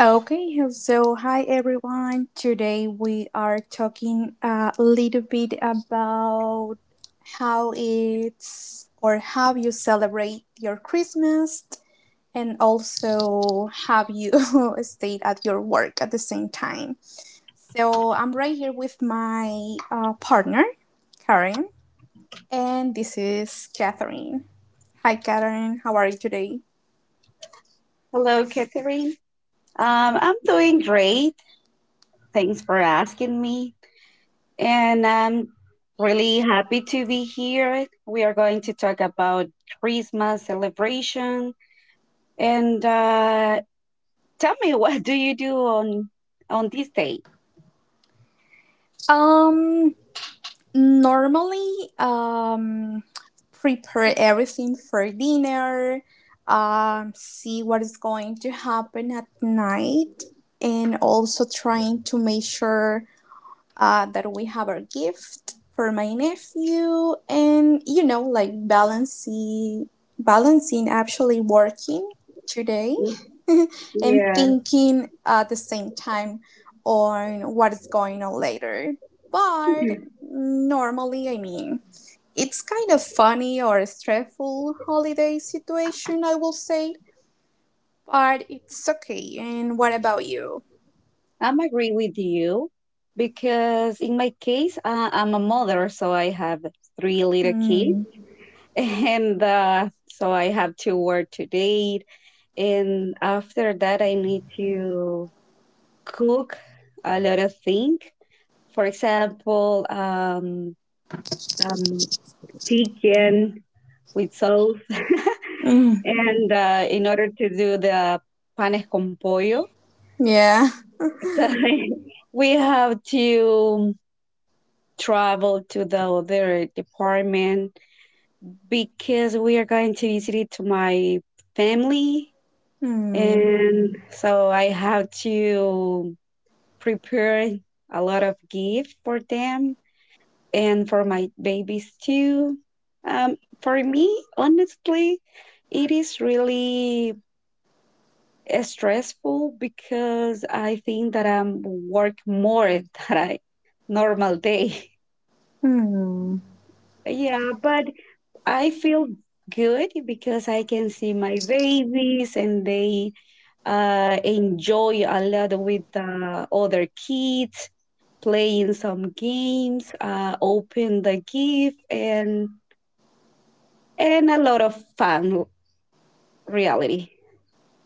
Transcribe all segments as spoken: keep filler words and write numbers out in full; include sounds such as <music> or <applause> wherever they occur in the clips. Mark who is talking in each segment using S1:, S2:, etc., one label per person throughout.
S1: Okay, so hi everyone. Today we are talking a little bit about how it's or how you celebrate your Christmas and also how you <laughs> stay at your work at the same time. So I'm right here with my uh, partner, Karen, and this is Catherine. Hi, Catherine. How are you today?
S2: Hello, Catherine. Um, I'm doing great. Thanks for asking me. And I'm really happy to be here. We are going to talk about Christmas celebration. And uh, tell me, <laughs> what do you do on on this day?
S1: Um, Normally, um, prepare everything for dinner, um, see what is going to happen at night, and also trying to make sure uh, that we have our gift for my nephew, and you know, like balancing, balancing actually working today and
S2: Yeah.
S1: thinking at the same time on what is going on later. But normally, I mean, it's kind of funny or a stressful holiday situation, I will say, but it's okay. And what about you?
S2: I'm agree with you because in my case, uh, I'm a mother, so I have three little kids,
S1: Mm.
S2: <laughs> and uh, so I have to work today, and after that I need to cook a lot of things, for example um, um, chicken with sauce, <laughs>
S1: Mm.
S2: and uh, in order to do the panes con pollo,
S1: Yeah.
S2: <laughs> we have to travel to the other department because we are going to visit it to my family,
S1: Mm.
S2: and so I have to prepare a lot of gift for them and for my babies too. Um, for me, honestly, it is really uh, stressful because I think that I'm work more <laughs> than I normal day.
S1: Mm.
S2: <laughs> Yeah, but I feel good because I can see my babies and they uh, enjoy a lot with uh, other kids, playing some games, uh, open the gift, and and a lot of fun reality.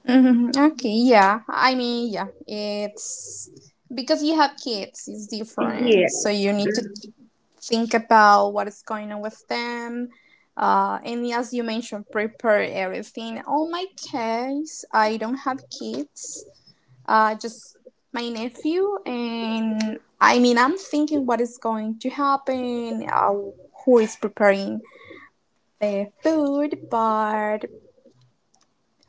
S1: Mm. <laughs> Okay. Yeah. I mean, yeah. It's because you have kids. It's different.
S2: Yeah.
S1: So you need to think about what is going on with them. Uh, and as you mentioned, prepare everything. On my case, I don't have kids uh, just my nephew, and I mean I'm thinking what is going to happen, uh, who is preparing the food, but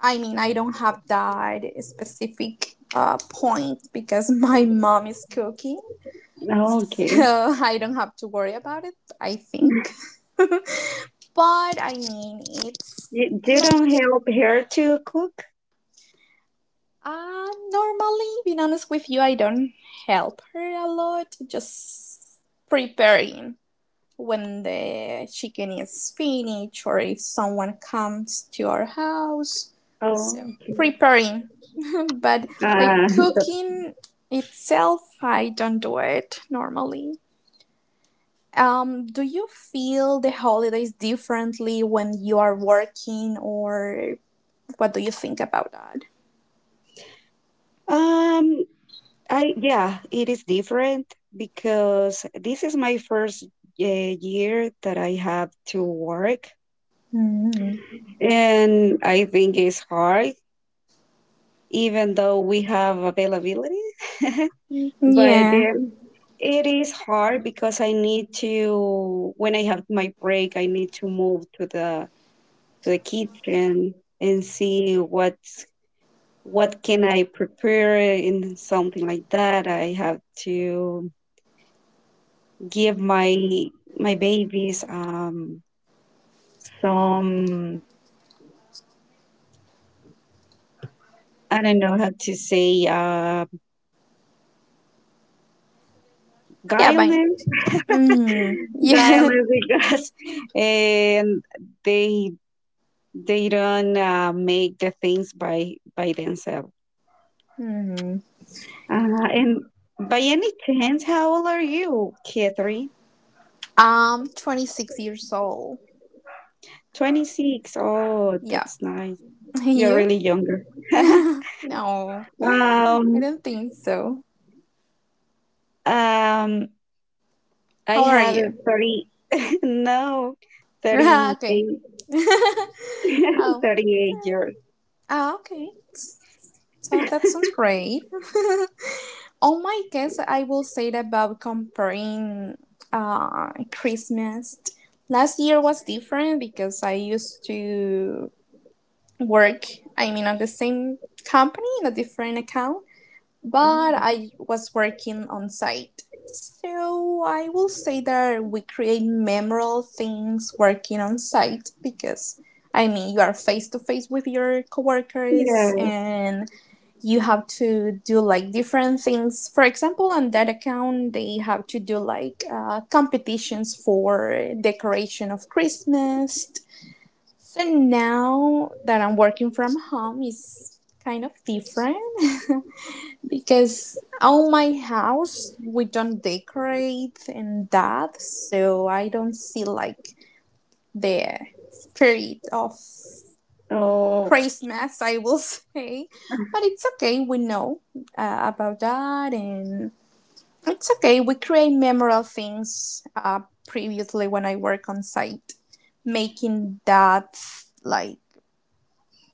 S1: I mean I don't have that specific uh, point because <laughs> my mom is cooking,
S2: Okay.
S1: so <laughs> I don't have to worry about it, I think. <laughs> But I mean it's
S2: You, you
S1: like
S2: don't help her to cook?
S1: uh normally, being honest with you, I don't help her a lot, just preparing when the chicken is finished or if someone comes to our house.
S2: Oh.
S1: So preparing, <laughs> but like
S2: Uh,
S1: cooking itself, I don't do it normally. Um, do you feel the holidays differently when you are working, or what do you think about that?
S2: um. I yeah. It is different because this is my first uh, year that I have to work,
S1: Mm.
S2: and I think it's hard even though we have availability. <laughs> But
S1: Yeah,
S2: um, it is hard because I need to, when I have my break, I need to move to the to the kitchen and see what's what can I prepare in something like that. I have to give my my babies um some, I don't know how to say, uh,
S1: yeah, but
S2: guidance
S1: mm, yeah,
S2: dialect because <laughs> and they they don't uh, make the things by by themselves.
S1: <laughs> mm.
S2: Uh, and by any chance, how old are you, Catherine?
S1: I'm twenty-six years old.
S2: Twenty six. Oh,
S1: Yeah,
S2: that's nice.
S1: <laughs>
S2: You're
S1: you?
S2: really younger. <laughs>
S1: <laughs> No, I
S2: um,
S1: don't think so.
S2: um, I
S1: How are
S2: have a
S1: you?
S2: thirty. <laughs> No,
S1: <laughs>
S2: thirty
S1: Okay.
S2: eight.
S1: <laughs>
S2: <laughs>
S1: Oh,
S2: Thirty eight years.
S1: ah, okay. So that sounds great. <laughs> On my guess, I will say that about comparing uh, Christmas. Last year was different because I used to work, I mean, on the same company in a different account. But
S2: Oh,
S1: I was working on site. So I will say that we create memorable things working on site because I mean you are face to face with your coworkers
S2: yeah.
S1: and you have to do like different things. For example, on that account they have to do like uh, competitions for decoration of Christmas. So now that I'm working from home is kind of different. <laughs> Because on my house we don't decorate and that, so I don't see like the spirit of
S2: Oh,
S1: Christmas, I will <laughs> say. But it's okay, we know uh, about that, and it's okay. We create memorable things uh, previously when I work on site, making that like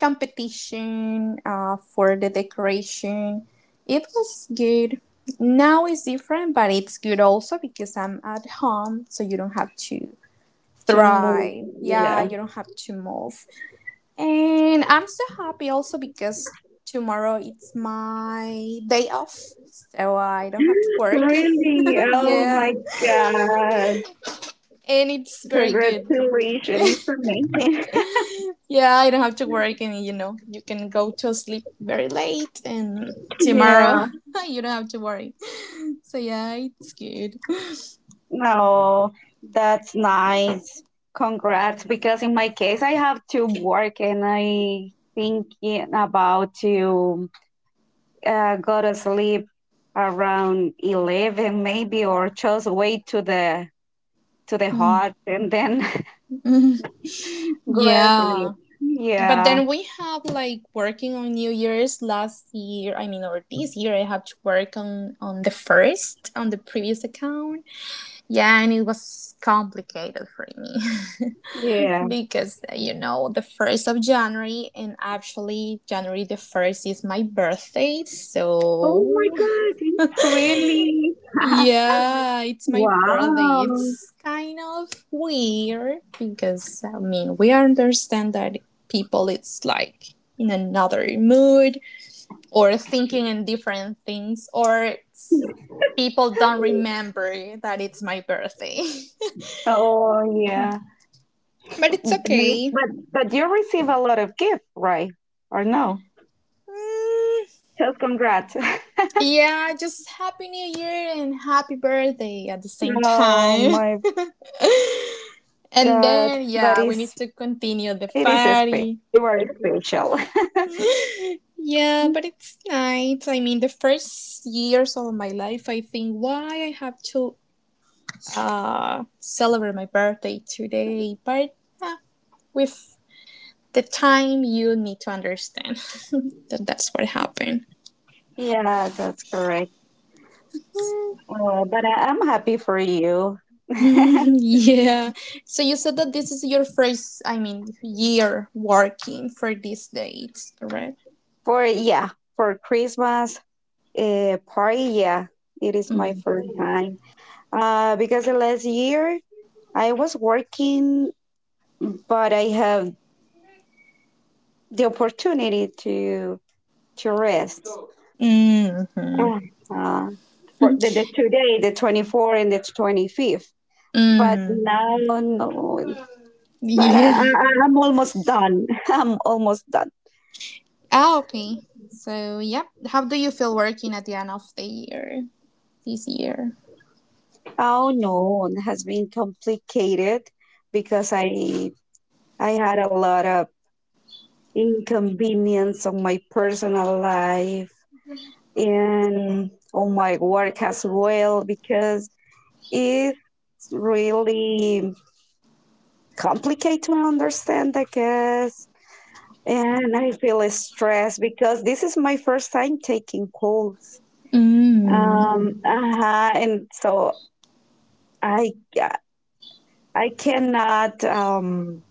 S1: competition uh, for the decoration. It was good. Now it's different, but it's good also because I'm at home, so you don't have to
S2: to move.
S1: thrive. Yeah,
S2: Yeah.
S1: you don't have to move. And I'm so happy also because tomorrow it's my day off, so I don't have to work.
S2: Really?
S1: <laughs>
S2: Oh my
S1: Yeah. <laughs>
S2: God.
S1: And it's very good.
S2: Congratulations. It's amazing. <laughs>
S1: Yeah, I don't have to work, and you know, you can go to sleep very late, and
S2: Yeah.
S1: tomorrow <laughs> you don't have to worry. <laughs> So yeah, it's good. <laughs>
S2: No, that's nice. Congrats. Because in my case, I have to work and I thinking about to uh, go to sleep around eleven maybe, or just wait to the to the
S1: Mm,
S2: hot and then <laughs>
S1: mm,
S2: go to sleep.
S1: yeah, but
S2: Yeah.
S1: then we have like working on New Year's last year. I mean, or this year, I have to work on on the first on the previous account. Yeah, and it was complicated for me. <laughs>
S2: Yeah.
S1: Because you know the first of January, and actually January the first is my birthday.
S2: Oh my
S1: So
S2: God. It's really <laughs>
S1: yeah, it's my birthday.
S2: Wow.
S1: It's kind of weird because I mean we understand that people it's like in another mood or thinking in different things or people don't remember that it's my birthday.
S2: Oh yeah.
S1: <laughs> But it's
S2: Maybe,
S1: okay.
S2: but but you receive a lot of gift, right? Or no? Just congrats. <laughs>
S1: Yeah, just happy new year and happy birthday at the same
S2: Oh
S1: time.
S2: my
S1: <laughs> And
S2: god.
S1: then,
S2: But
S1: yeah, we need
S2: it's
S1: to continue the
S2: it is
S1: party.
S2: special. You are special.
S1: <laughs> Yeah, but it's nice. I mean, the first years of my life, I think why I have to uh, celebrate my birthday today. But uh, with the time, you need to understand <laughs> that that's what happened.
S2: <laughs> Yeah, that's correct. Uh, but I, I'm happy for you.
S1: <laughs>
S2: <laughs>
S1: Yeah. So you said that this is your first, I mean, year working for these dates, correct?
S2: For yeah, for Christmas uh, party, yeah. It is my
S1: Mm.
S2: first time. Uh, because the last year I was working, but I have the opportunity to to rest
S1: Mm-hmm.
S2: uh, for the, the today, the twenty fourth and the twenty fifth.
S1: <laughs>
S2: But
S1: Mm-hmm.
S2: now, no. But I, I,
S1: Yeah.
S2: I'm almost done. <laughs> I'm almost done.
S1: Ah, okay. So, yeah. How do you feel working at the end of the year this year?
S2: Oh no, it has been complicated because I I had a lot of inconvenience on my personal life and on my work as well, because it's really complicated to understand, I guess. And I feel stressed because this is my first time taking calls.
S1: Mm.
S2: Um, uh Huh. And so I, I cannot, um,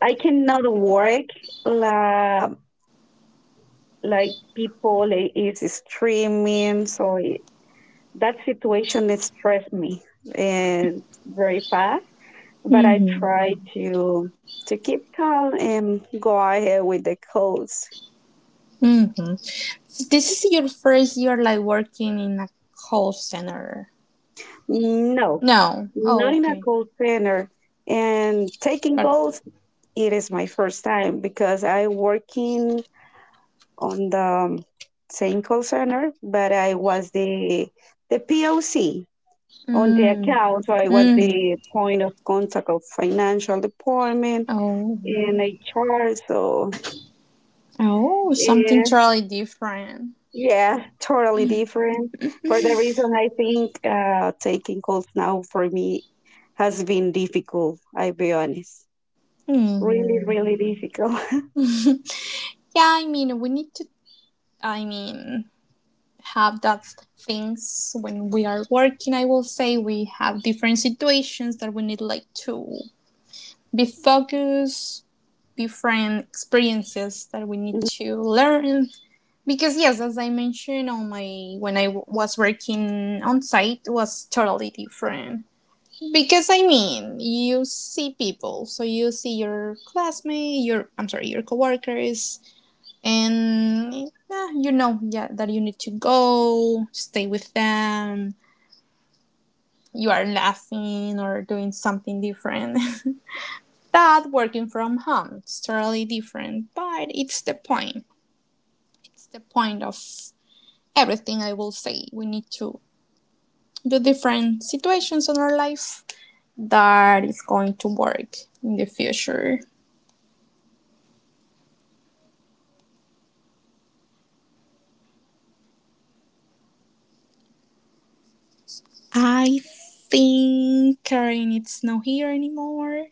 S2: I cannot work la, like people is streaming. So it, that situation it stressed me and very fast. But I
S1: Mm-hmm.
S2: try to to keep calm and go ahead with the calls.
S1: Mm-hmm. So this is your first year like working in a call center.
S2: No,
S1: No. Oh,
S2: not in a
S1: okay.
S2: call center. And taking
S1: But
S2: calls, it is my first time because I working on the um, same call center, but I was the the P O C on the
S1: mm.
S2: account. So I was
S1: Mm.
S2: the point of contact of financial department
S1: Oh.
S2: and H R. So
S1: Oh, something totally different.
S2: yeah, totally different. For the reason I think uh, taking calls now for me has been difficult, I'll be honest. Really,
S1: Hmm.
S2: really difficult. <laughs>
S1: Yeah, I mean, we need to, I mean, have that things when we are working. I will say we have different situations that we need, like, to be focused, different experiences that we need to learn. Because, yes, as I mentioned, on my when I w- was working on site, was totally different. Because I mean, you see people, so you see your classmate, your I'm sorry, your coworkers, and eh, you know, yeah, that you need to go, stay with them. You are laughing or doing something different. <laughs> That working from home, it's totally different, but it's the point. It's the point of everything. I will say we need to do different situations in our life that is going to work in the future. I think Karen, it's not here anymore.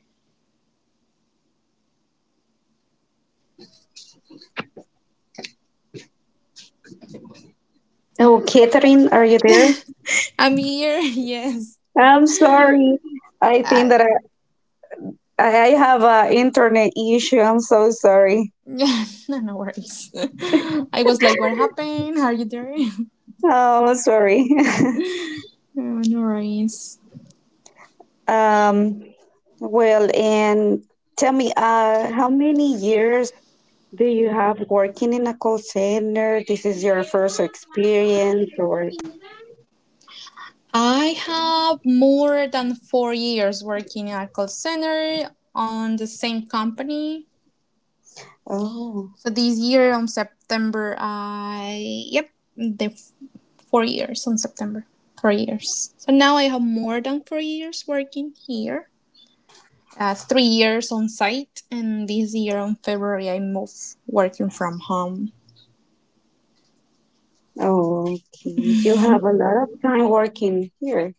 S2: Oh, Catherine, are you there?
S1: I'm here, <laughs> yes.
S2: I'm sorry. I think
S1: Uh,
S2: that I, I I have a internet issue. I'm so sorry.
S1: <laughs> no, no worries. <laughs> I was like, what happened? Are you there? <laughs>
S2: Oh, sorry.
S1: Oh, no worries.
S2: <laughs> um, well, and tell me, uh, how many years do you have working in a call center? This is your first experience, or
S1: I have more than four years working at a call center on the same company.
S2: oh,
S1: So this year on September, I, yep, the f- four years on September. Four years. So now I have more than four years working here, uh, three years on site, and this year in February I moved working from home.
S2: oh, okay. You have a lot of time working here.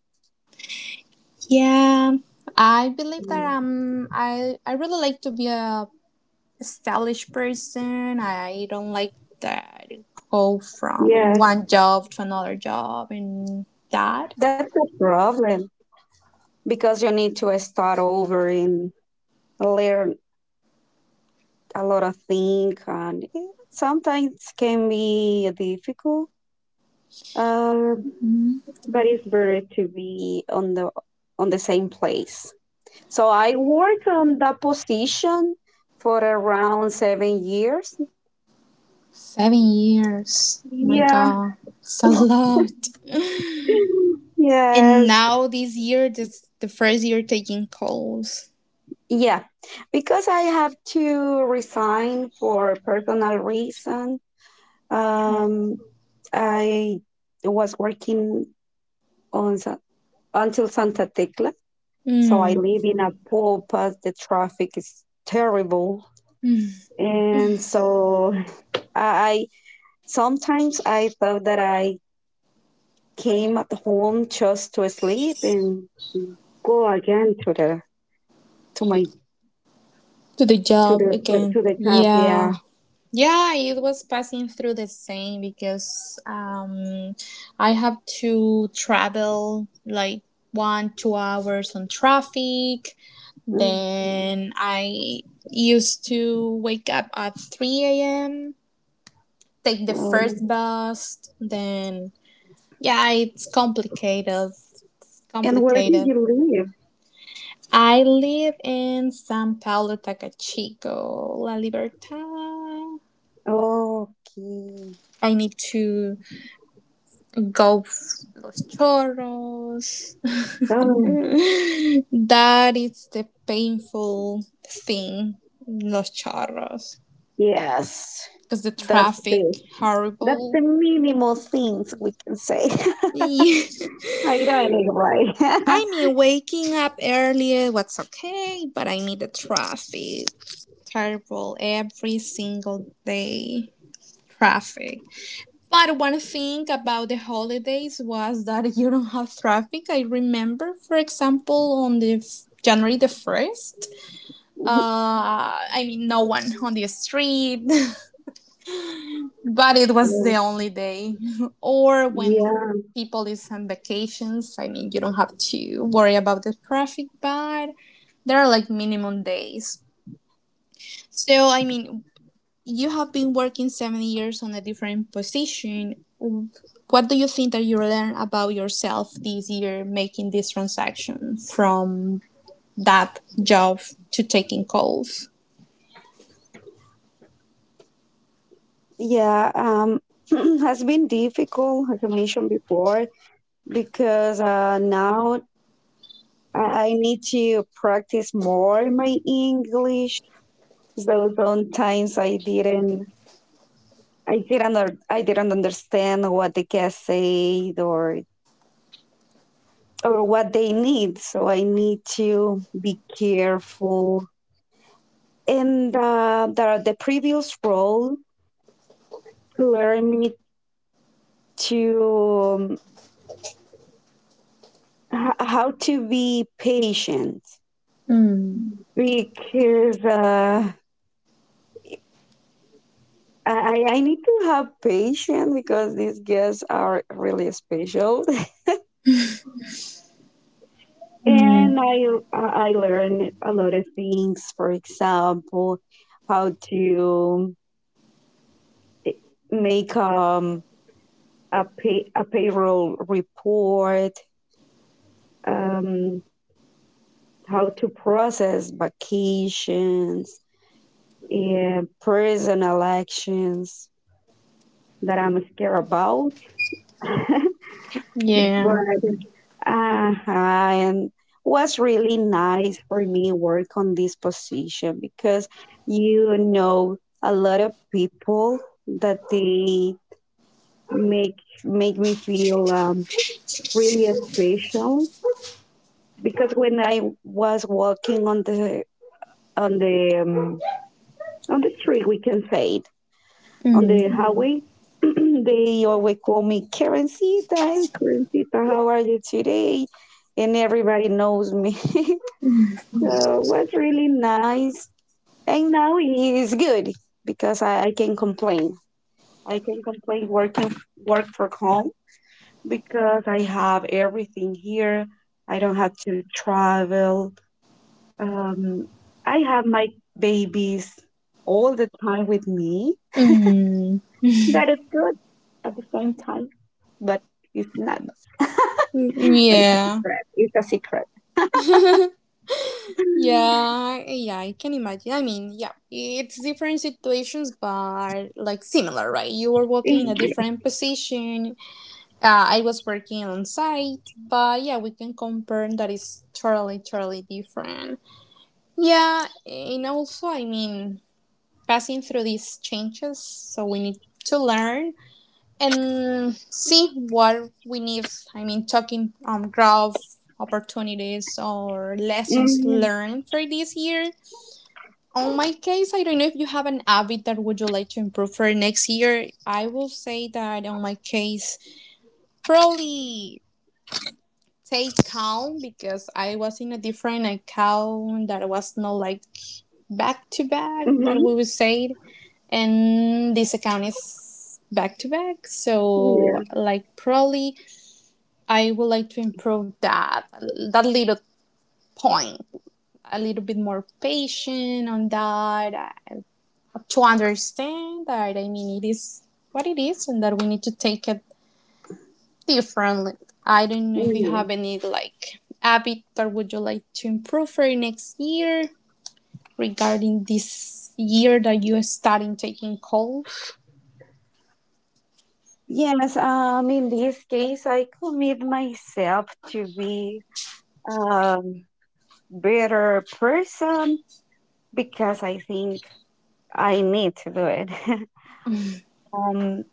S1: Yeah, I believe that um I I really like to be a stylish person. I don't like that go from
S2: Yes,
S1: one job to another job and that.
S2: that's a problem because you need to start over in learn a lot of things, and it sometimes can be difficult, uh,
S1: Mm,
S2: but it's better to be on the on the same place. So I worked on that position for around seven years.
S1: seven years, my
S2: Yeah.
S1: God, it's a lot. <laughs>
S2: <laughs>
S1: And
S2: Yes.
S1: now this year, this the first year taking calls.
S2: Yeah, because I have to resign for personal reason. um, I was working on Sa- until Santa Tecla. So I
S1: Mm.
S2: live in a poor pass. The traffic is terrible, and so I sometimes I thought that I came at home just to sleep and go again to the to my
S1: To the
S2: to
S1: job
S2: the
S1: again.
S2: to the club.
S1: Yeah.
S2: Yeah.
S1: Yeah, it was passing through the same because um, I have to travel like one, two hours on traffic.
S2: Mm.
S1: Then I used to wake up at three a m, take the
S2: Um,
S1: first bus. Then, yeah, it's complicated.
S2: and where did
S1: Complicated.
S2: you live?
S1: I live in San Paulo, Tacachico, La Libertad.
S2: Okay.
S1: I need to go Los Chorros. <laughs>
S2: Oh,
S1: That is the painful thing, Los Chorros,
S2: yes.
S1: because the
S2: That's the
S1: traffic
S2: that's
S1: horrible.
S2: the
S1: <laughs>
S2: minimal things we can say. <laughs> I don't know
S1: I mean, waking up earlier was okay, but I mean the traffic terrible every single day. Traffic. But one thing about the holidays was that <laughs> you don't have traffic. I remember, for example, on the f- January the first,
S2: why.
S1: uh, I mean, no one on the street, <laughs> but it was the
S2: <laughs>
S1: only day. <laughs> Or when
S2: Yeah,
S1: people is on vacations, I mean, you don't have to worry about the traffic, but there are like minimum days. So, I mean, you have been working seven years on a different position. What do you think that you learned about yourself this year making this transaction from that job to taking calls?
S2: yeah. Um, <clears throat> has been difficult, like I mentioned before, because uh, now I I need to practice more my English. So sometimes I didn't, I didn't, un- I didn't understand what the guest said, or or what they need. So I need to be careful. And uh, the the previous role learned me to um, h- how to be patient
S1: Mm.
S2: because uh, I, I I need to have patience because these guests are really special. <laughs>
S1: Mm.
S2: And I, I learned a lot of things, for example, how to make um, a, pay, a payroll report, um, how to process vacations, and personal actions that I'm scared about, <laughs> but
S1: Yeah.
S2: uh, and was really nice for me work on this position because you know a lot of people that they make make me feel um, really special, because when I was walking on the on the um, on the street, we can say on
S1: Mm.
S2: the highway, <clears throat> they always call me Karencita. Hey, Karencita, how are you today? And everybody knows me. <laughs> So it was really nice. And now it's good because I, I can complain. I can complain working work from home because I have everything here. I don't have to travel. Um, I have my babies all the time with me.
S1: Mm.
S2: That is good at the same time, but it's not. But it's a
S1: Yeah.
S2: secret. It's a secret. <laughs>
S1: Yeah, yeah, I can imagine. I mean, yeah, it's different situations, but like similar, right? You were working in a different position, Uh, I was working on site, but yeah, we can confirm that it's totally, totally different. Yeah, and also, I mean, passing through these changes, so we need to learn and see what we need. I mean, talking um, growth opportunities or lessons
S2: Mhm.
S1: learned for this year. On my case, I don't know if you have an habit that would you like to improve for next year. I will say that on my case, probably take count because I was in a different account that was not like back to back that we
S2: Mhm.
S1: would say, and this account is back to back. So
S2: Yeah.
S1: like probably I would like to improve that that little point, a little bit more patient on that, uh, to understand that I mean it is what it is and that we need to take it different. I don't know if you
S2: Yeah.
S1: have any like habit that would you like to improve for next year regarding this year that you are starting taking calls.
S2: Yes, um, in this case, I commit myself to be um, better person, because I think I need to do it. <laughs> um,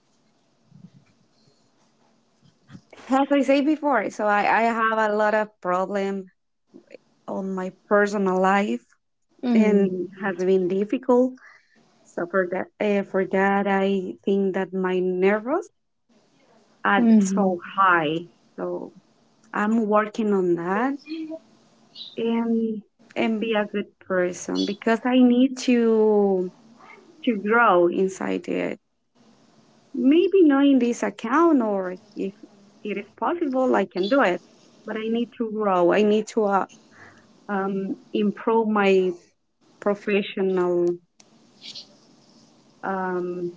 S2: as I say before, so I, I have a lot of problem on my personal life
S1: Mm,
S2: and has been difficult. So for that, uh, for that, I think that my nervous are
S1: mm,
S2: so high. So I'm working on that, and and be a good person, because I need to to grow inside it. Maybe not in this account, or if it is possible, I can do it. But I need to grow. I need to uh, um, improve my professional um,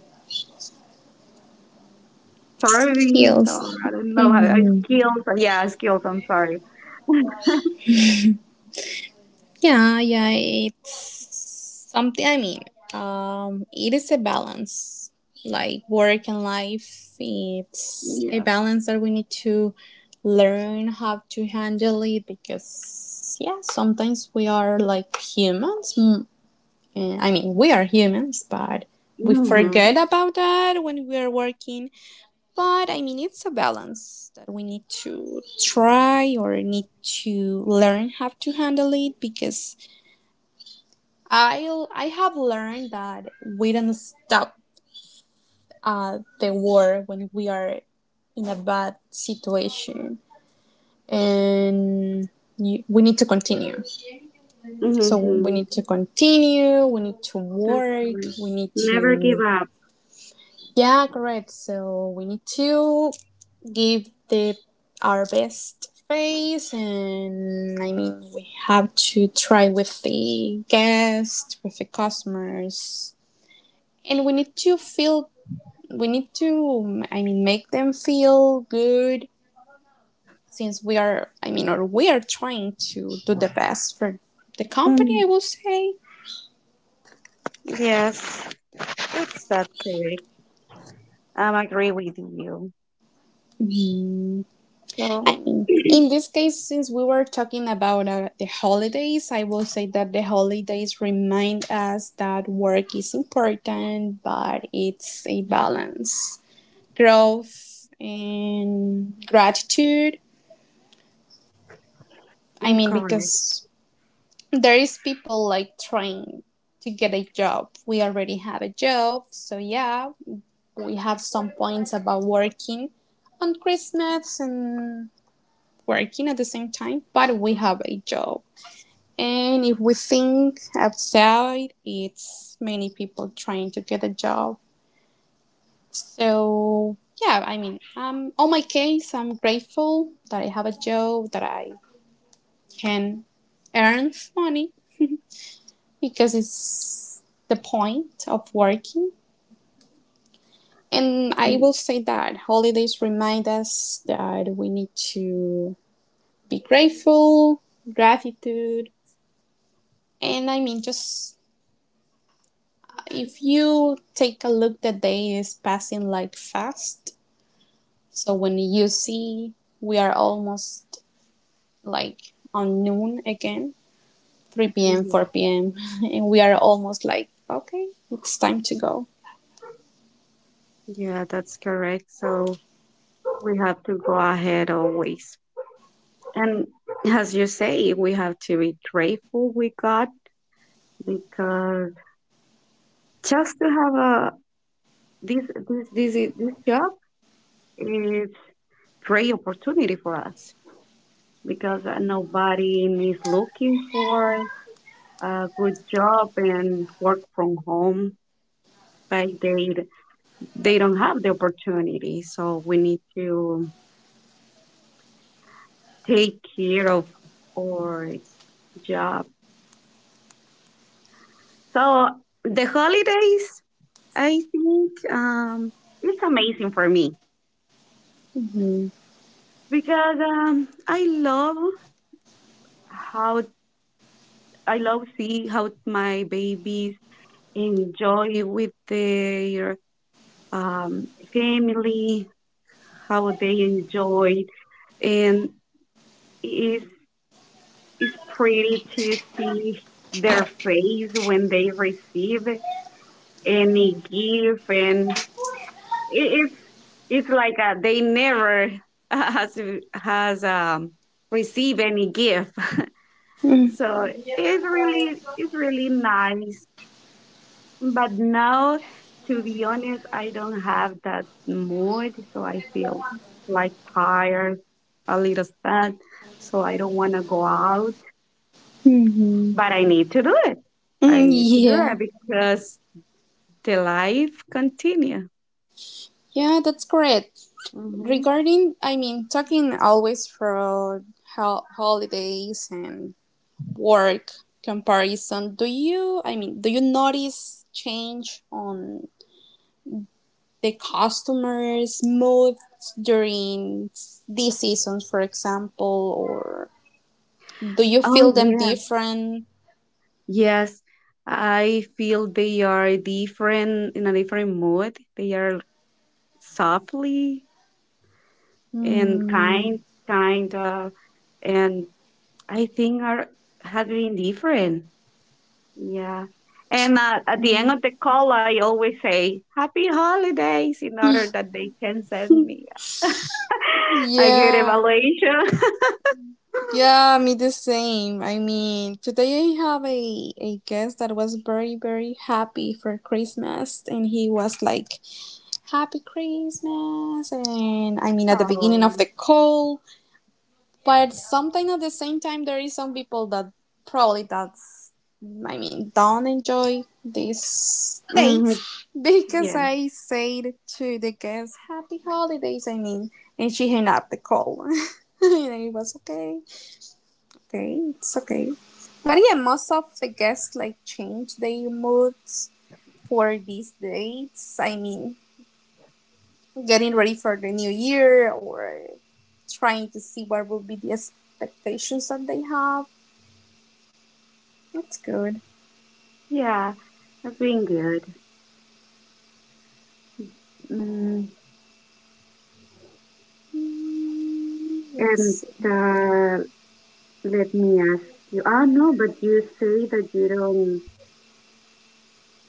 S2: service, or
S1: skills.
S2: I don't know how, uh,
S1: Mm,
S2: skills. uh, Yeah, skills. I'm sorry.
S1: yeah, yeah, it's something. I mean, um, it is a balance, like work and life. It's a
S2: Yes.
S1: balance that we need to learn how to handle it because, yeah, sometimes we are like humans. mm, eh, I mean, we are humans, but we forget
S2: Mhm.
S1: about that when we are working. But I mean, it's a balance that we need to try or need to learn how to handle it because I I have learned that we don't stop uh, the war when we are in a bad situation, and you, we need to continue. So we
S2: Mhm.
S1: need to continue. We need to
S2: That's
S1: work.
S2: correct.
S1: We need
S2: Never give
S1: to,
S2: up.
S1: yeah, correct. So we need to give the our best face, and I mean we have to try with the guests, with the customers, and we need to feel we need to, I mean, make them feel good since we are, I mean, or we are trying to do the best for the company, I
S2: Mm.
S1: will say.
S2: Yes, that's that correct. Um, I agree with you.
S1: Mm,
S2: So
S1: I mean, in this case, since we were talking about uh, the holidays, I will say that the holidays remind us that work is important, but it's a balance, growth and gratitude. I
S2: mm,
S1: mean,
S2: correct.
S1: because there is people like trying to get a job. We already have a job, so yeah, we have some points about working on Christmas and working at the same time, but we have a job. And if we think outside, it's many people trying to get a job. So yeah, I mean, um, on my case, I'm grateful that I have a job that I can earn money because it's the point of working. And I
S2: Mm,
S1: will say that holidays remind us that we need to be grateful, gratitude, and I mean, just if you take a look, the day is passing like fast. So when you see, we are almost like on noon again, three p m,
S2: yeah.
S1: four p m, <laughs> and we are almost like, okay, it's time to go.
S2: Yeah, that's correct. So we have to go ahead always. And as you say, we have to be grateful we got, because just to have a this this this this job, it's great opportunity for us, because uh, nobody is looking for a good job and work from home. Like they they don't have the opportunity, so we need to take care of our job. So the holidays, I think, um, it's amazing for me
S1: Mm-hmm.
S2: because um, I love how I love see how my babies enjoy with their um, family, how they enjoy, and it's, it's pretty to see their face when they receive any gift, and it, it's it's like uh they never <laughs> has has um, receive any gift, <laughs> so it's really, it's really nice. But now, to be honest, I don't have that mood, so I feel like tired, a little sad, so I don't want to go out,
S1: Mm-hmm.
S2: but I need to do it. I
S1: Mm,
S2: need to do
S1: yeah,
S2: it because the life continue.
S1: yeah, that's correct.
S2: Hmm.
S1: Regarding, I mean, talking always for ho- holidays and work comparison, do you, I mean, do you notice change on the customers' moods during these seasons, for example, or do you
S2: Oh
S1: feel them
S2: yeah.
S1: different?
S2: Yes, I feel they are different in a different mood. They are softly and
S1: Mm,
S2: kind, kind of, and I think are has been different. Yeah. And uh, at the end of the call, I always say, Happy holidays, in order that they can send me <laughs> a good
S1: yeah.
S2: evaluation. <laughs>
S1: Yeah, me the same. I mean, today I have a, a guest that was very, very happy for Christmas, and he was like, Happy Christmas! And I mean, at the beginning of
S2: Oh,
S1: the call, but sometimes at the same time, there is some people that probably that's, I mean, don't enjoy these
S2: hmm,
S1: dates <laughs> because
S2: yeah.
S1: I said to the guest, Happy Holidays, I mean, and she hung up the call. <laughs> and it was okay. Okay, it's okay. But yeah, most of the guests like change their moods for these dates. I mean, getting ready for the new year or trying to see what will be the expectations that they have. That's good.
S2: Yeah. That's been good. Mm,
S1: Mm, let's
S2: and
S1: see.
S2: uh, let me ask you. Ah, no, but you say that you don't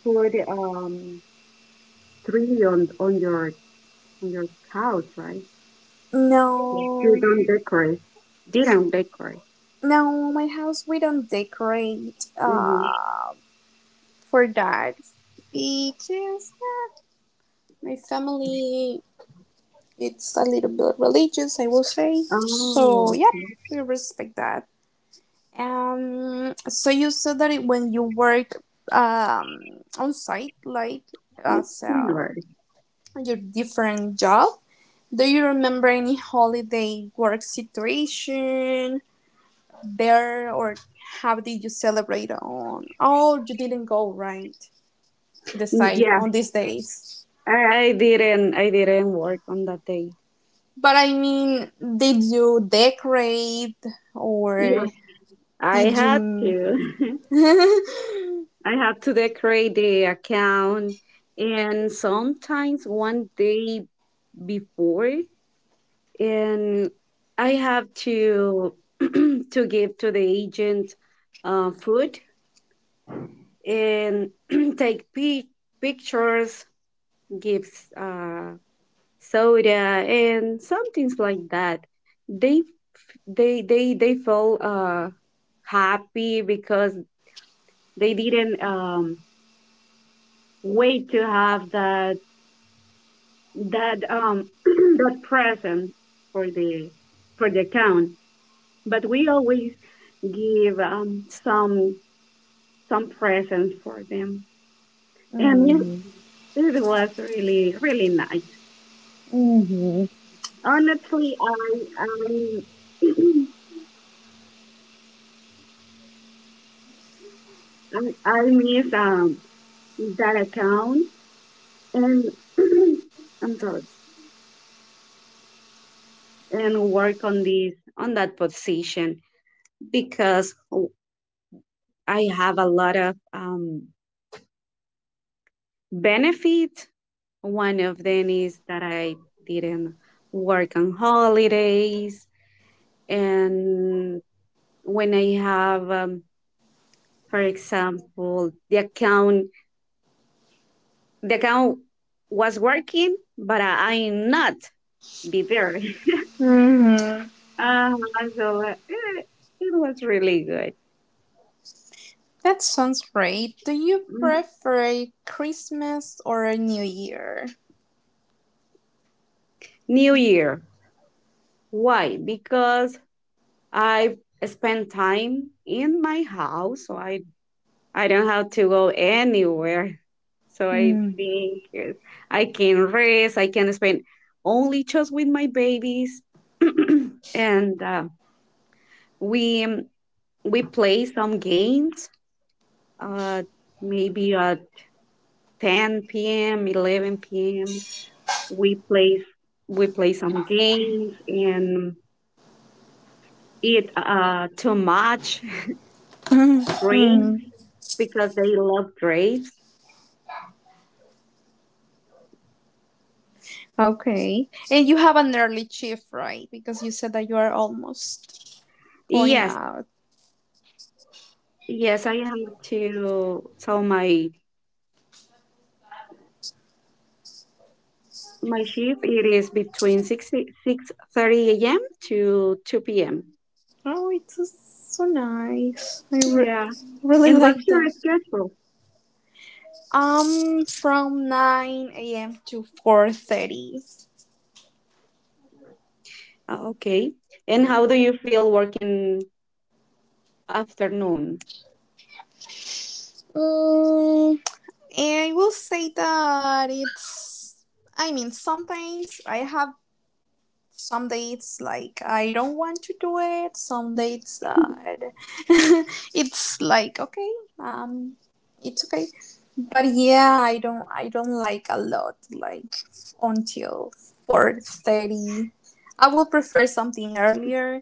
S2: put um tree on on your on your couch, right? You
S1: No,
S2: don't decorate. They don't decorate.
S1: no, my house we don't decorate
S2: Hmm.
S1: uh, for that because yeah, my family it's a little bit religious, I will say. So
S2: Oh,
S1: yeah, we respect that. Um, so you said that it, when you work um, on site, like
S2: okay.
S1: as um
S2: Alright.
S1: your different job, do you remember any holiday work situation there, or how did you celebrate on? Oh, you didn't go right to the site
S2: Yeah,
S1: on these days.
S2: I, I didn't. I didn't work on that day.
S1: But I mean, did you decorate or
S2: Yeah, I
S1: did
S2: had
S1: you?
S2: to.
S1: <laughs>
S2: <laughs> I had to decorate the account, and sometimes one day before, and I have to <clears throat> to give to the agent uh, food and <clears throat> take pi- pictures, gives Uh, soda and some things like that. They they they they felt uh happy because they didn't um wait to have that that um <clears throat> that present for the for the account, but we always give um some some presents for them, and it,
S1: Mm-hmm.
S2: it was really really nice,
S1: Mm-hmm.
S2: honestly. I I <clears throat> i, I miss um that account, and <clears throat> I'm sorry and work on this on that position because I have a lot of um, benefits. One of them is that I didn't work on holidays, and when I have um, for example, the account the account was working but I, I'm not be there. <laughs>
S1: Mm-hmm.
S2: Uh, so uh, it it was really good.
S1: That sounds great. Do you prefer Christmas or New Year?
S2: New Year. Why? Because I spend time in my house, so I I don't have to go anywhere. So I think uh, I can rest. I can spend only just with my babies, <clears throat> and uh, we um, we play some games. Uh, Maybe at ten p m, eleven p m, We play we play some games and eat uh, too much
S1: Mm-hmm.
S2: grapes because they love grapes.
S1: Okay. And you have an early shift, right? Because you said that you are almost going
S2: Yes,
S1: out.
S2: yes, I have to. So my my shift, it is between six six thirty a.m. to two p m.
S1: Oh, it's so nice. I re-
S2: Yeah,
S1: really
S2: and what's
S1: like
S2: your
S1: that.
S2: schedule?
S1: Um, from nine a m to four thirty.
S2: Uh, okay, and how do you feel working afternoon?
S1: Mm, I will say that it's. I mean, sometimes I have some dates like I don't want to do it. Some dates that <laughs> it's like okay, um, it's okay. But yeah, I don't. I don't like a lot. Like until four thirty, I would prefer something earlier.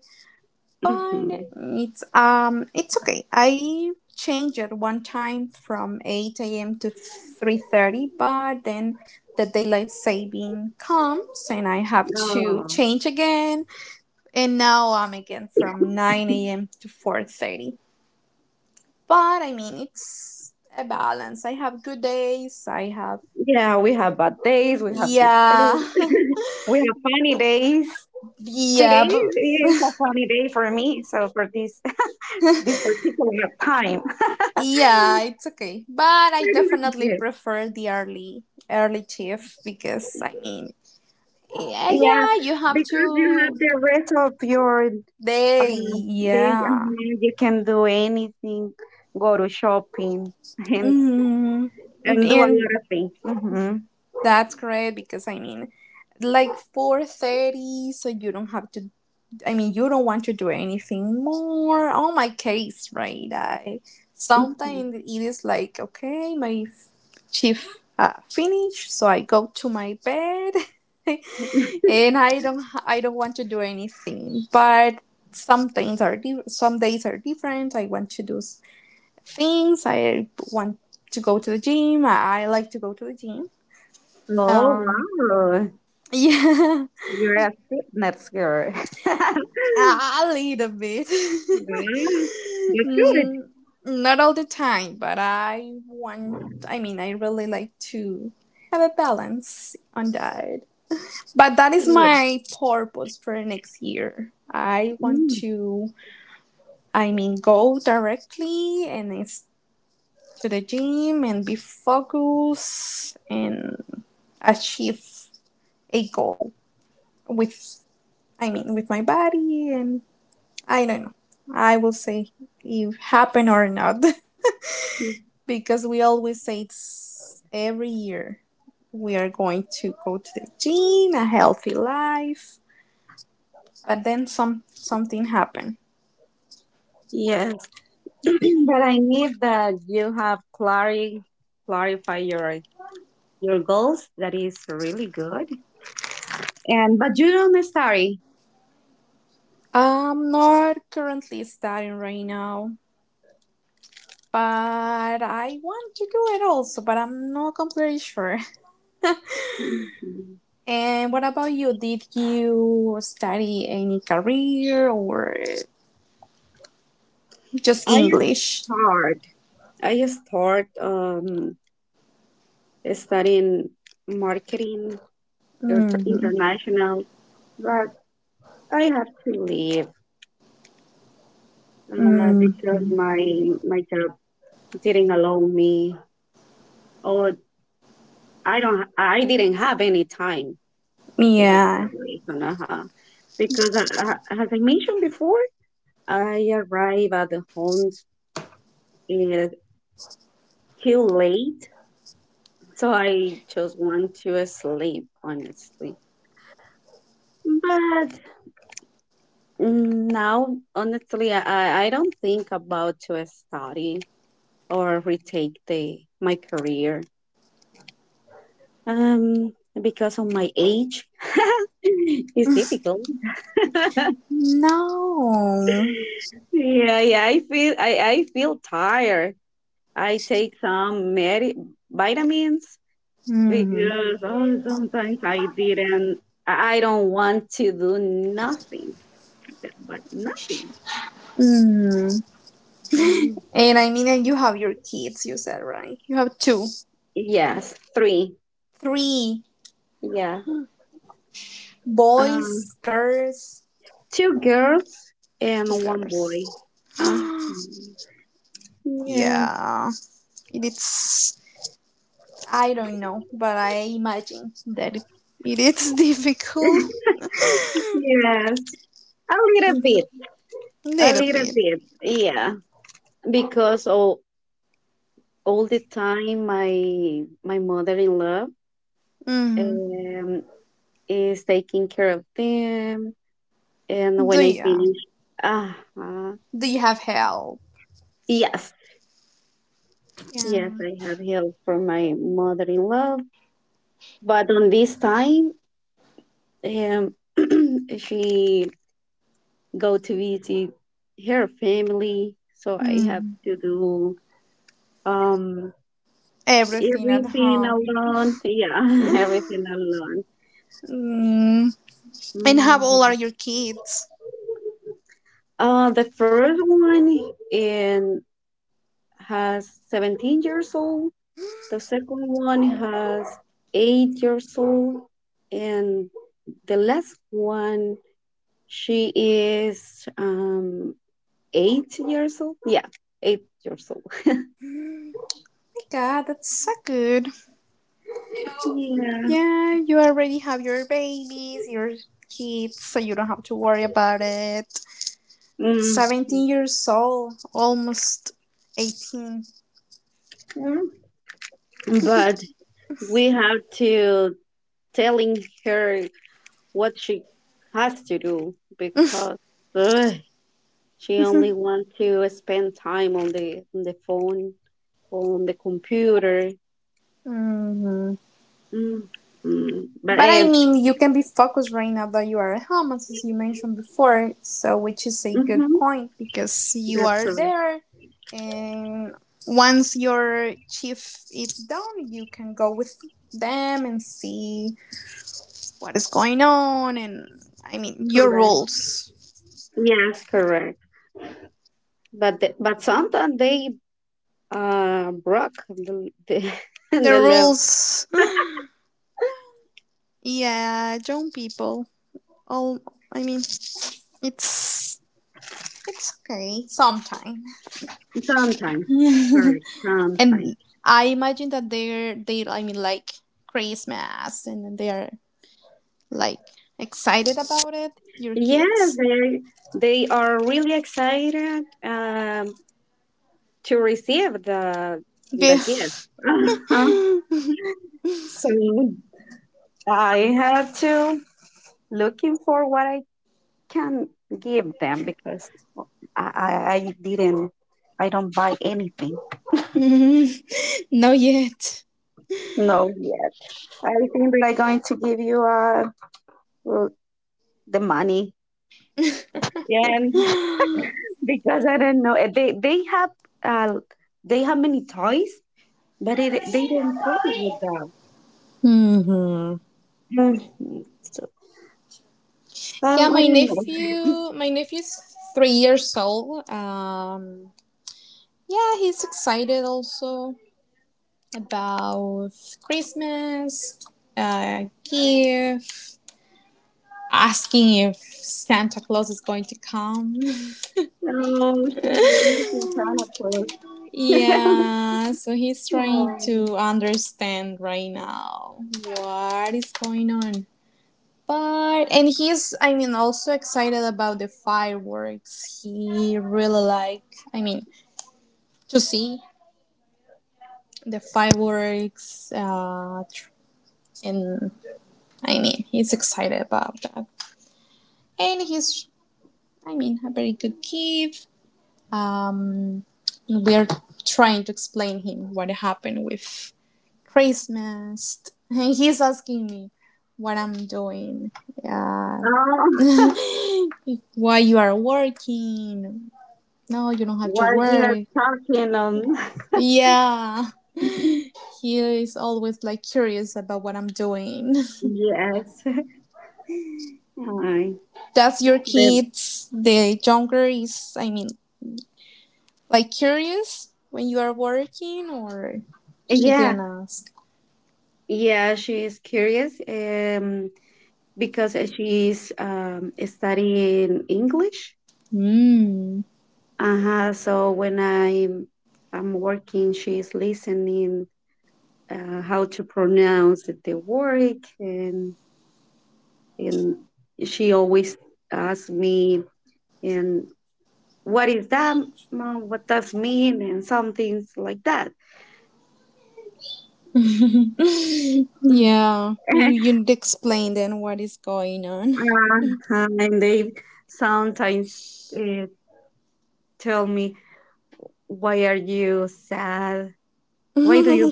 S1: But
S2: Mm-hmm.
S1: it's um it's okay. I changed it one time from eight a m to three thirty, but then the daylight saving comes and I have to
S2: Oh.
S1: change again. And now I'm again from nine a m to four thirty. But I mean, it's a balance. I have good days. I have,
S2: Yeah, we have bad days, we have good
S1: yeah,
S2: days, <laughs> we have funny days.
S1: <laughs>
S2: Today
S1: yeah. But
S2: is a funny day for me, so for this <laughs> this particular time. <laughs>
S1: yeah, it's okay. But I definitely
S2: Good.
S1: prefer the early early shift because I mean, yeah,
S2: Yeah,
S1: yeah, you have
S2: because you
S1: to
S2: have the rest of your
S1: they
S2: um, day, and
S1: yeah.
S2: you can do anything, go to shopping, <laughs> and
S1: Mm,
S2: and do a
S1: and
S2: lot of things. Hmm.
S1: that's great because I mean, like four thirty so you don't have to, I mean, you don't want to do anything more. On my case, right? I sometimes it is like, okay, my f- shift uh, finished, so I go to my bed. <laughs> And I don't I don't want to do anything. But some things are di- some days are different. I want to do s- things. I want to go to the gym. I, I like to go to the gym.
S2: Oh,
S1: Um,
S2: wow,
S1: <laughs> yeah,
S2: you're a fitness girl. <laughs>
S1: a little bit. <laughs>
S2: Wow, that's
S1: Mm, not all the time, but I want. I mean, I really like to have a balance on that. But that is
S2: good.
S1: my purpose for next year. I want
S2: Mm.
S1: to, I mean, go directly and it's to the gym and be focused and achieve a goal with, I mean, with my body and I don't know. I will say if happen or not <laughs> because we always say it's every year we are going to go to the gym, a healthy life, but then some something happened.
S2: Yes, <clears throat> but I need that you have clarity, clarify your your goals. That is really good. And but you don't study.
S1: I'm not currently studying right now, but I want to do it also, but I'm not completely sure.
S2: Mhm.
S1: And what about you? Did you study any career or just
S2: I
S1: English?
S2: start. I start um, studying marketing inter-
S1: Mm-hmm.
S2: international, but I have to leave uh,
S1: Mm,
S2: because my my job didn't allow me, or I don't. I didn't have any time. That's the
S1: yeah.
S2: reason. Uh-huh. Because uh, uh, as I mentioned before, I arrive at the homes uh, too late, so I just want to sleep, honestly. But mm, now, honestly, I, I I don't think about to study or retake the my career. Um, because of my age, <laughs> it's difficult.
S1: No.
S2: Yeah, yeah, I feel. I, I feel tired. I take some medi vitamins
S1: Mm,
S2: because oh, sometimes I didn't, I I don't want to do nothing, but nothing.
S1: mm.
S2: Mm,
S1: And I mean, and you have your kids, you said, right? You have two,
S2: yes, three.
S1: three
S2: Yeah. Um,
S1: boys, girls,
S2: Two girls
S1: two
S2: and one boy.
S1: girls.
S2: Uh,
S1: <gasps>
S2: yeah.
S1: Yeah, it's I don't know, but I imagine that it, it is difficult. <laughs>
S2: Yes. A little bit. A
S1: Little
S2: little
S1: bit.
S2: bit. Yeah. Because all, all the time my my mother-in-law
S1: Hmm.
S2: um, is taking care of them. And
S1: Do
S2: when I
S1: you,
S2: finish, uh-huh.
S1: do you have help?
S2: Yes, yes,
S1: Yeah.
S2: I have help from my mother-in-law. But on this time, um, <clears throat> she go to visit her family, so I have
S1: Mhm.
S2: to do um
S1: Everything at
S2: everything
S1: home.
S2: alone. Yeah, <laughs>
S1: <gasps>
S2: everything alone.
S1: Mm. And how old are
S2: Mm.
S1: your kids? Oh
S2: Uh, the first one in has seventeen years old. The second one has eight years old, and the last one, she is um eight years old. Yeah, eight years old. <laughs>
S1: my God, that's so good. You know,
S2: Yeah.
S1: yeah, you already have your babies, your kids, so you don't have to worry about it. It's
S2: Mm.
S1: seventeen years old, almost eighteen.
S2: Yeah. But we have to telling her what she has to do because ugh, she only want to spend time on the on the phone, on the computer.
S1: Mhm.
S2: Mm. Mm. But
S1: But I mean, you can be focused right now that you are at home, as you mentioned before. So, which is a good
S2: it,
S1: point because you
S2: that's
S1: are
S2: correct.
S1: there, and once your chief is done, you can go with them and see what is going on. And I mean, your
S2: Correct.
S1: rules,
S2: Yes, correct. But the, but sometimes they uh broke the the, <laughs>
S1: the
S2: the love.
S1: rules. Yeah, young people. Oh, I mean, it's it's okay sometimes.
S2: Sometimes, correct. Sometimes.
S1: And I imagine that they're they I mean like Christmas and then they are like excited about it, your
S2: Yes,
S1: kids.
S2: they they are really excited um to receive the
S1: Okay.
S2: the gift. Uh-huh.
S1: <laughs>
S2: So I have to looking for what I can give them because I I, I didn't. I don't buy anything.
S1: Mm, not yet.
S2: No, I think they're going to give you uh well, the money. Yeah, and
S1: Hmm.
S2: <laughs> because I don't know, uh, they they have uh they have many toys, but it, they don't play with them. Mhm. So uh,
S1: Yeah,
S2: I
S1: my
S2: don't know.
S1: nephew my nephew's three years old. Um yeah, he's excited also about Christmas, uh gift asking if Santa Claus is going to come.
S2: Oh, she believes in Santa
S1: <laughs>
S2: Claus. <laughs>
S1: Yeah, so he's trying
S2: Oh,
S1: to understand right now what is going on. But and he's, I mean, also excited about the fireworks. He really like, I mean, to see the fireworks uh tr- and I mean he's excited about that. And he's, I mean, a very good kid. Um, we're trying to explain him what happened with Christmas, <laughs> and he's asking me what I'm doing, uh,
S2: oh,
S1: <laughs> why you are working. No, you don't have to
S2: while you are
S1: work.
S2: talking, um,
S1: Yeah,
S2: <laughs>
S1: he is always like curious about what I'm doing.
S2: yes, <laughs> hi.
S1: <laughs> Does your
S2: The-
S1: kids, the younger is, I mean, like curious when you are working, or she
S2: yeah,
S1: didn't ask?
S2: yeah, she is curious. Um, because uh, she's um, studying English.
S1: Hmm.
S2: Uh-huh. So when I'm I'm working, she's listening uh, how to pronounce the word, and and she always asks me, and what is that, mom? What does mean, and some things like that.
S1: <laughs>
S2: <laughs>
S1: Yeah, you you explain then what is going on.
S2: uh And they sometimes uh, tell me, why are you sad? Why do you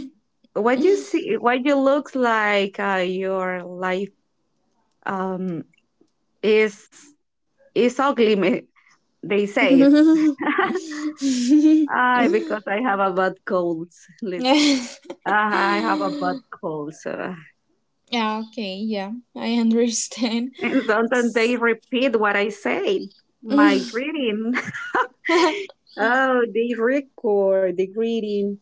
S2: why do you see why do you looks like uh, your life um is is ugly, me- they say.
S1: <laughs>
S2: <laughs> Ah, because I have a bad cold. Lit- ah, I have a bad cold, so,
S1: Yeah, okay, yeah, I understand.
S2: and sometimes they repeat what I say,
S1: <laughs>
S2: my greeting. <laughs> Oh, they record the greeting.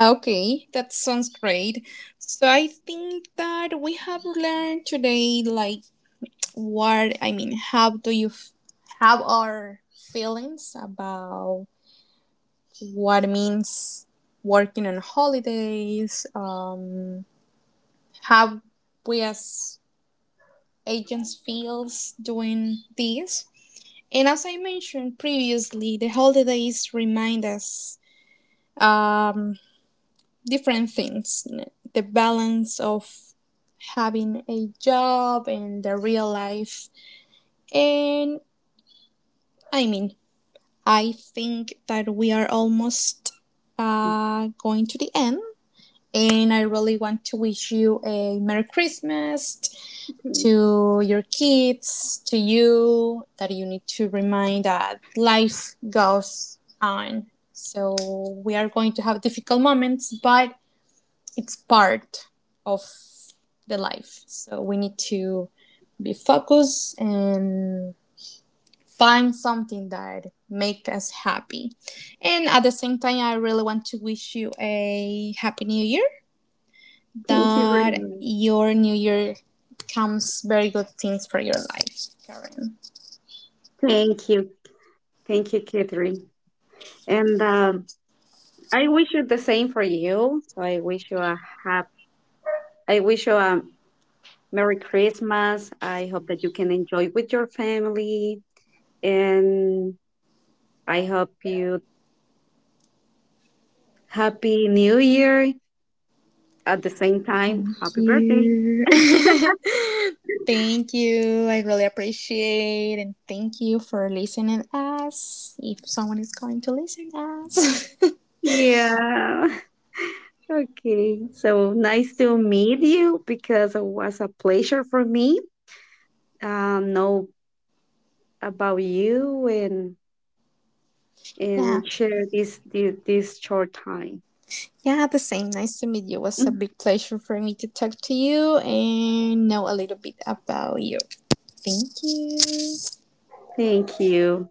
S1: Okay, that sounds great. So I think that we have learned today, like what I mean, how do you f- have our feelings about what means working on holidays, um, how we as agents feels doing this. And as I mentioned previously, the holidays remind us um, different things, the balance of having a job and the real life. And I mean, I think that we are almost uh, going to the end. And I really want to wish you a Merry Christmas
S2: thank,
S1: to your kids, to you, that you need to remind that life goes on. So we are going to have difficult moments, but it's part of the life. So we need to be focused and find something that make us happy. And at the same time, I really want to wish you a happy new year,
S2: thank you very
S1: that
S2: much,
S1: your new year comes very good things for your life, Karen.
S2: thank you. Thank you, Catherine. And um, I wish you the same for you. So I wish you a happy, I wish you a Merry Christmas. I hope that you can enjoy with your family. And I hope you happy New Year. At the same time,
S1: Thank
S2: happy birthday.
S1: you. <laughs> Thank you. I really appreciate and thank you for listening us. If someone is going to listen us.
S2: Yeah. <laughs> Okay. So nice to meet you, because it was a pleasure for me. Um, know about you and
S1: <laughs> Yeah.
S2: and share this this, this short time.
S1: Yeah, the same. Nice to meet you. It
S2: <laughs>
S1: was a
S2: Mm,
S1: big pleasure for me to talk to you and know a little bit about you. Thank you.
S2: thank you.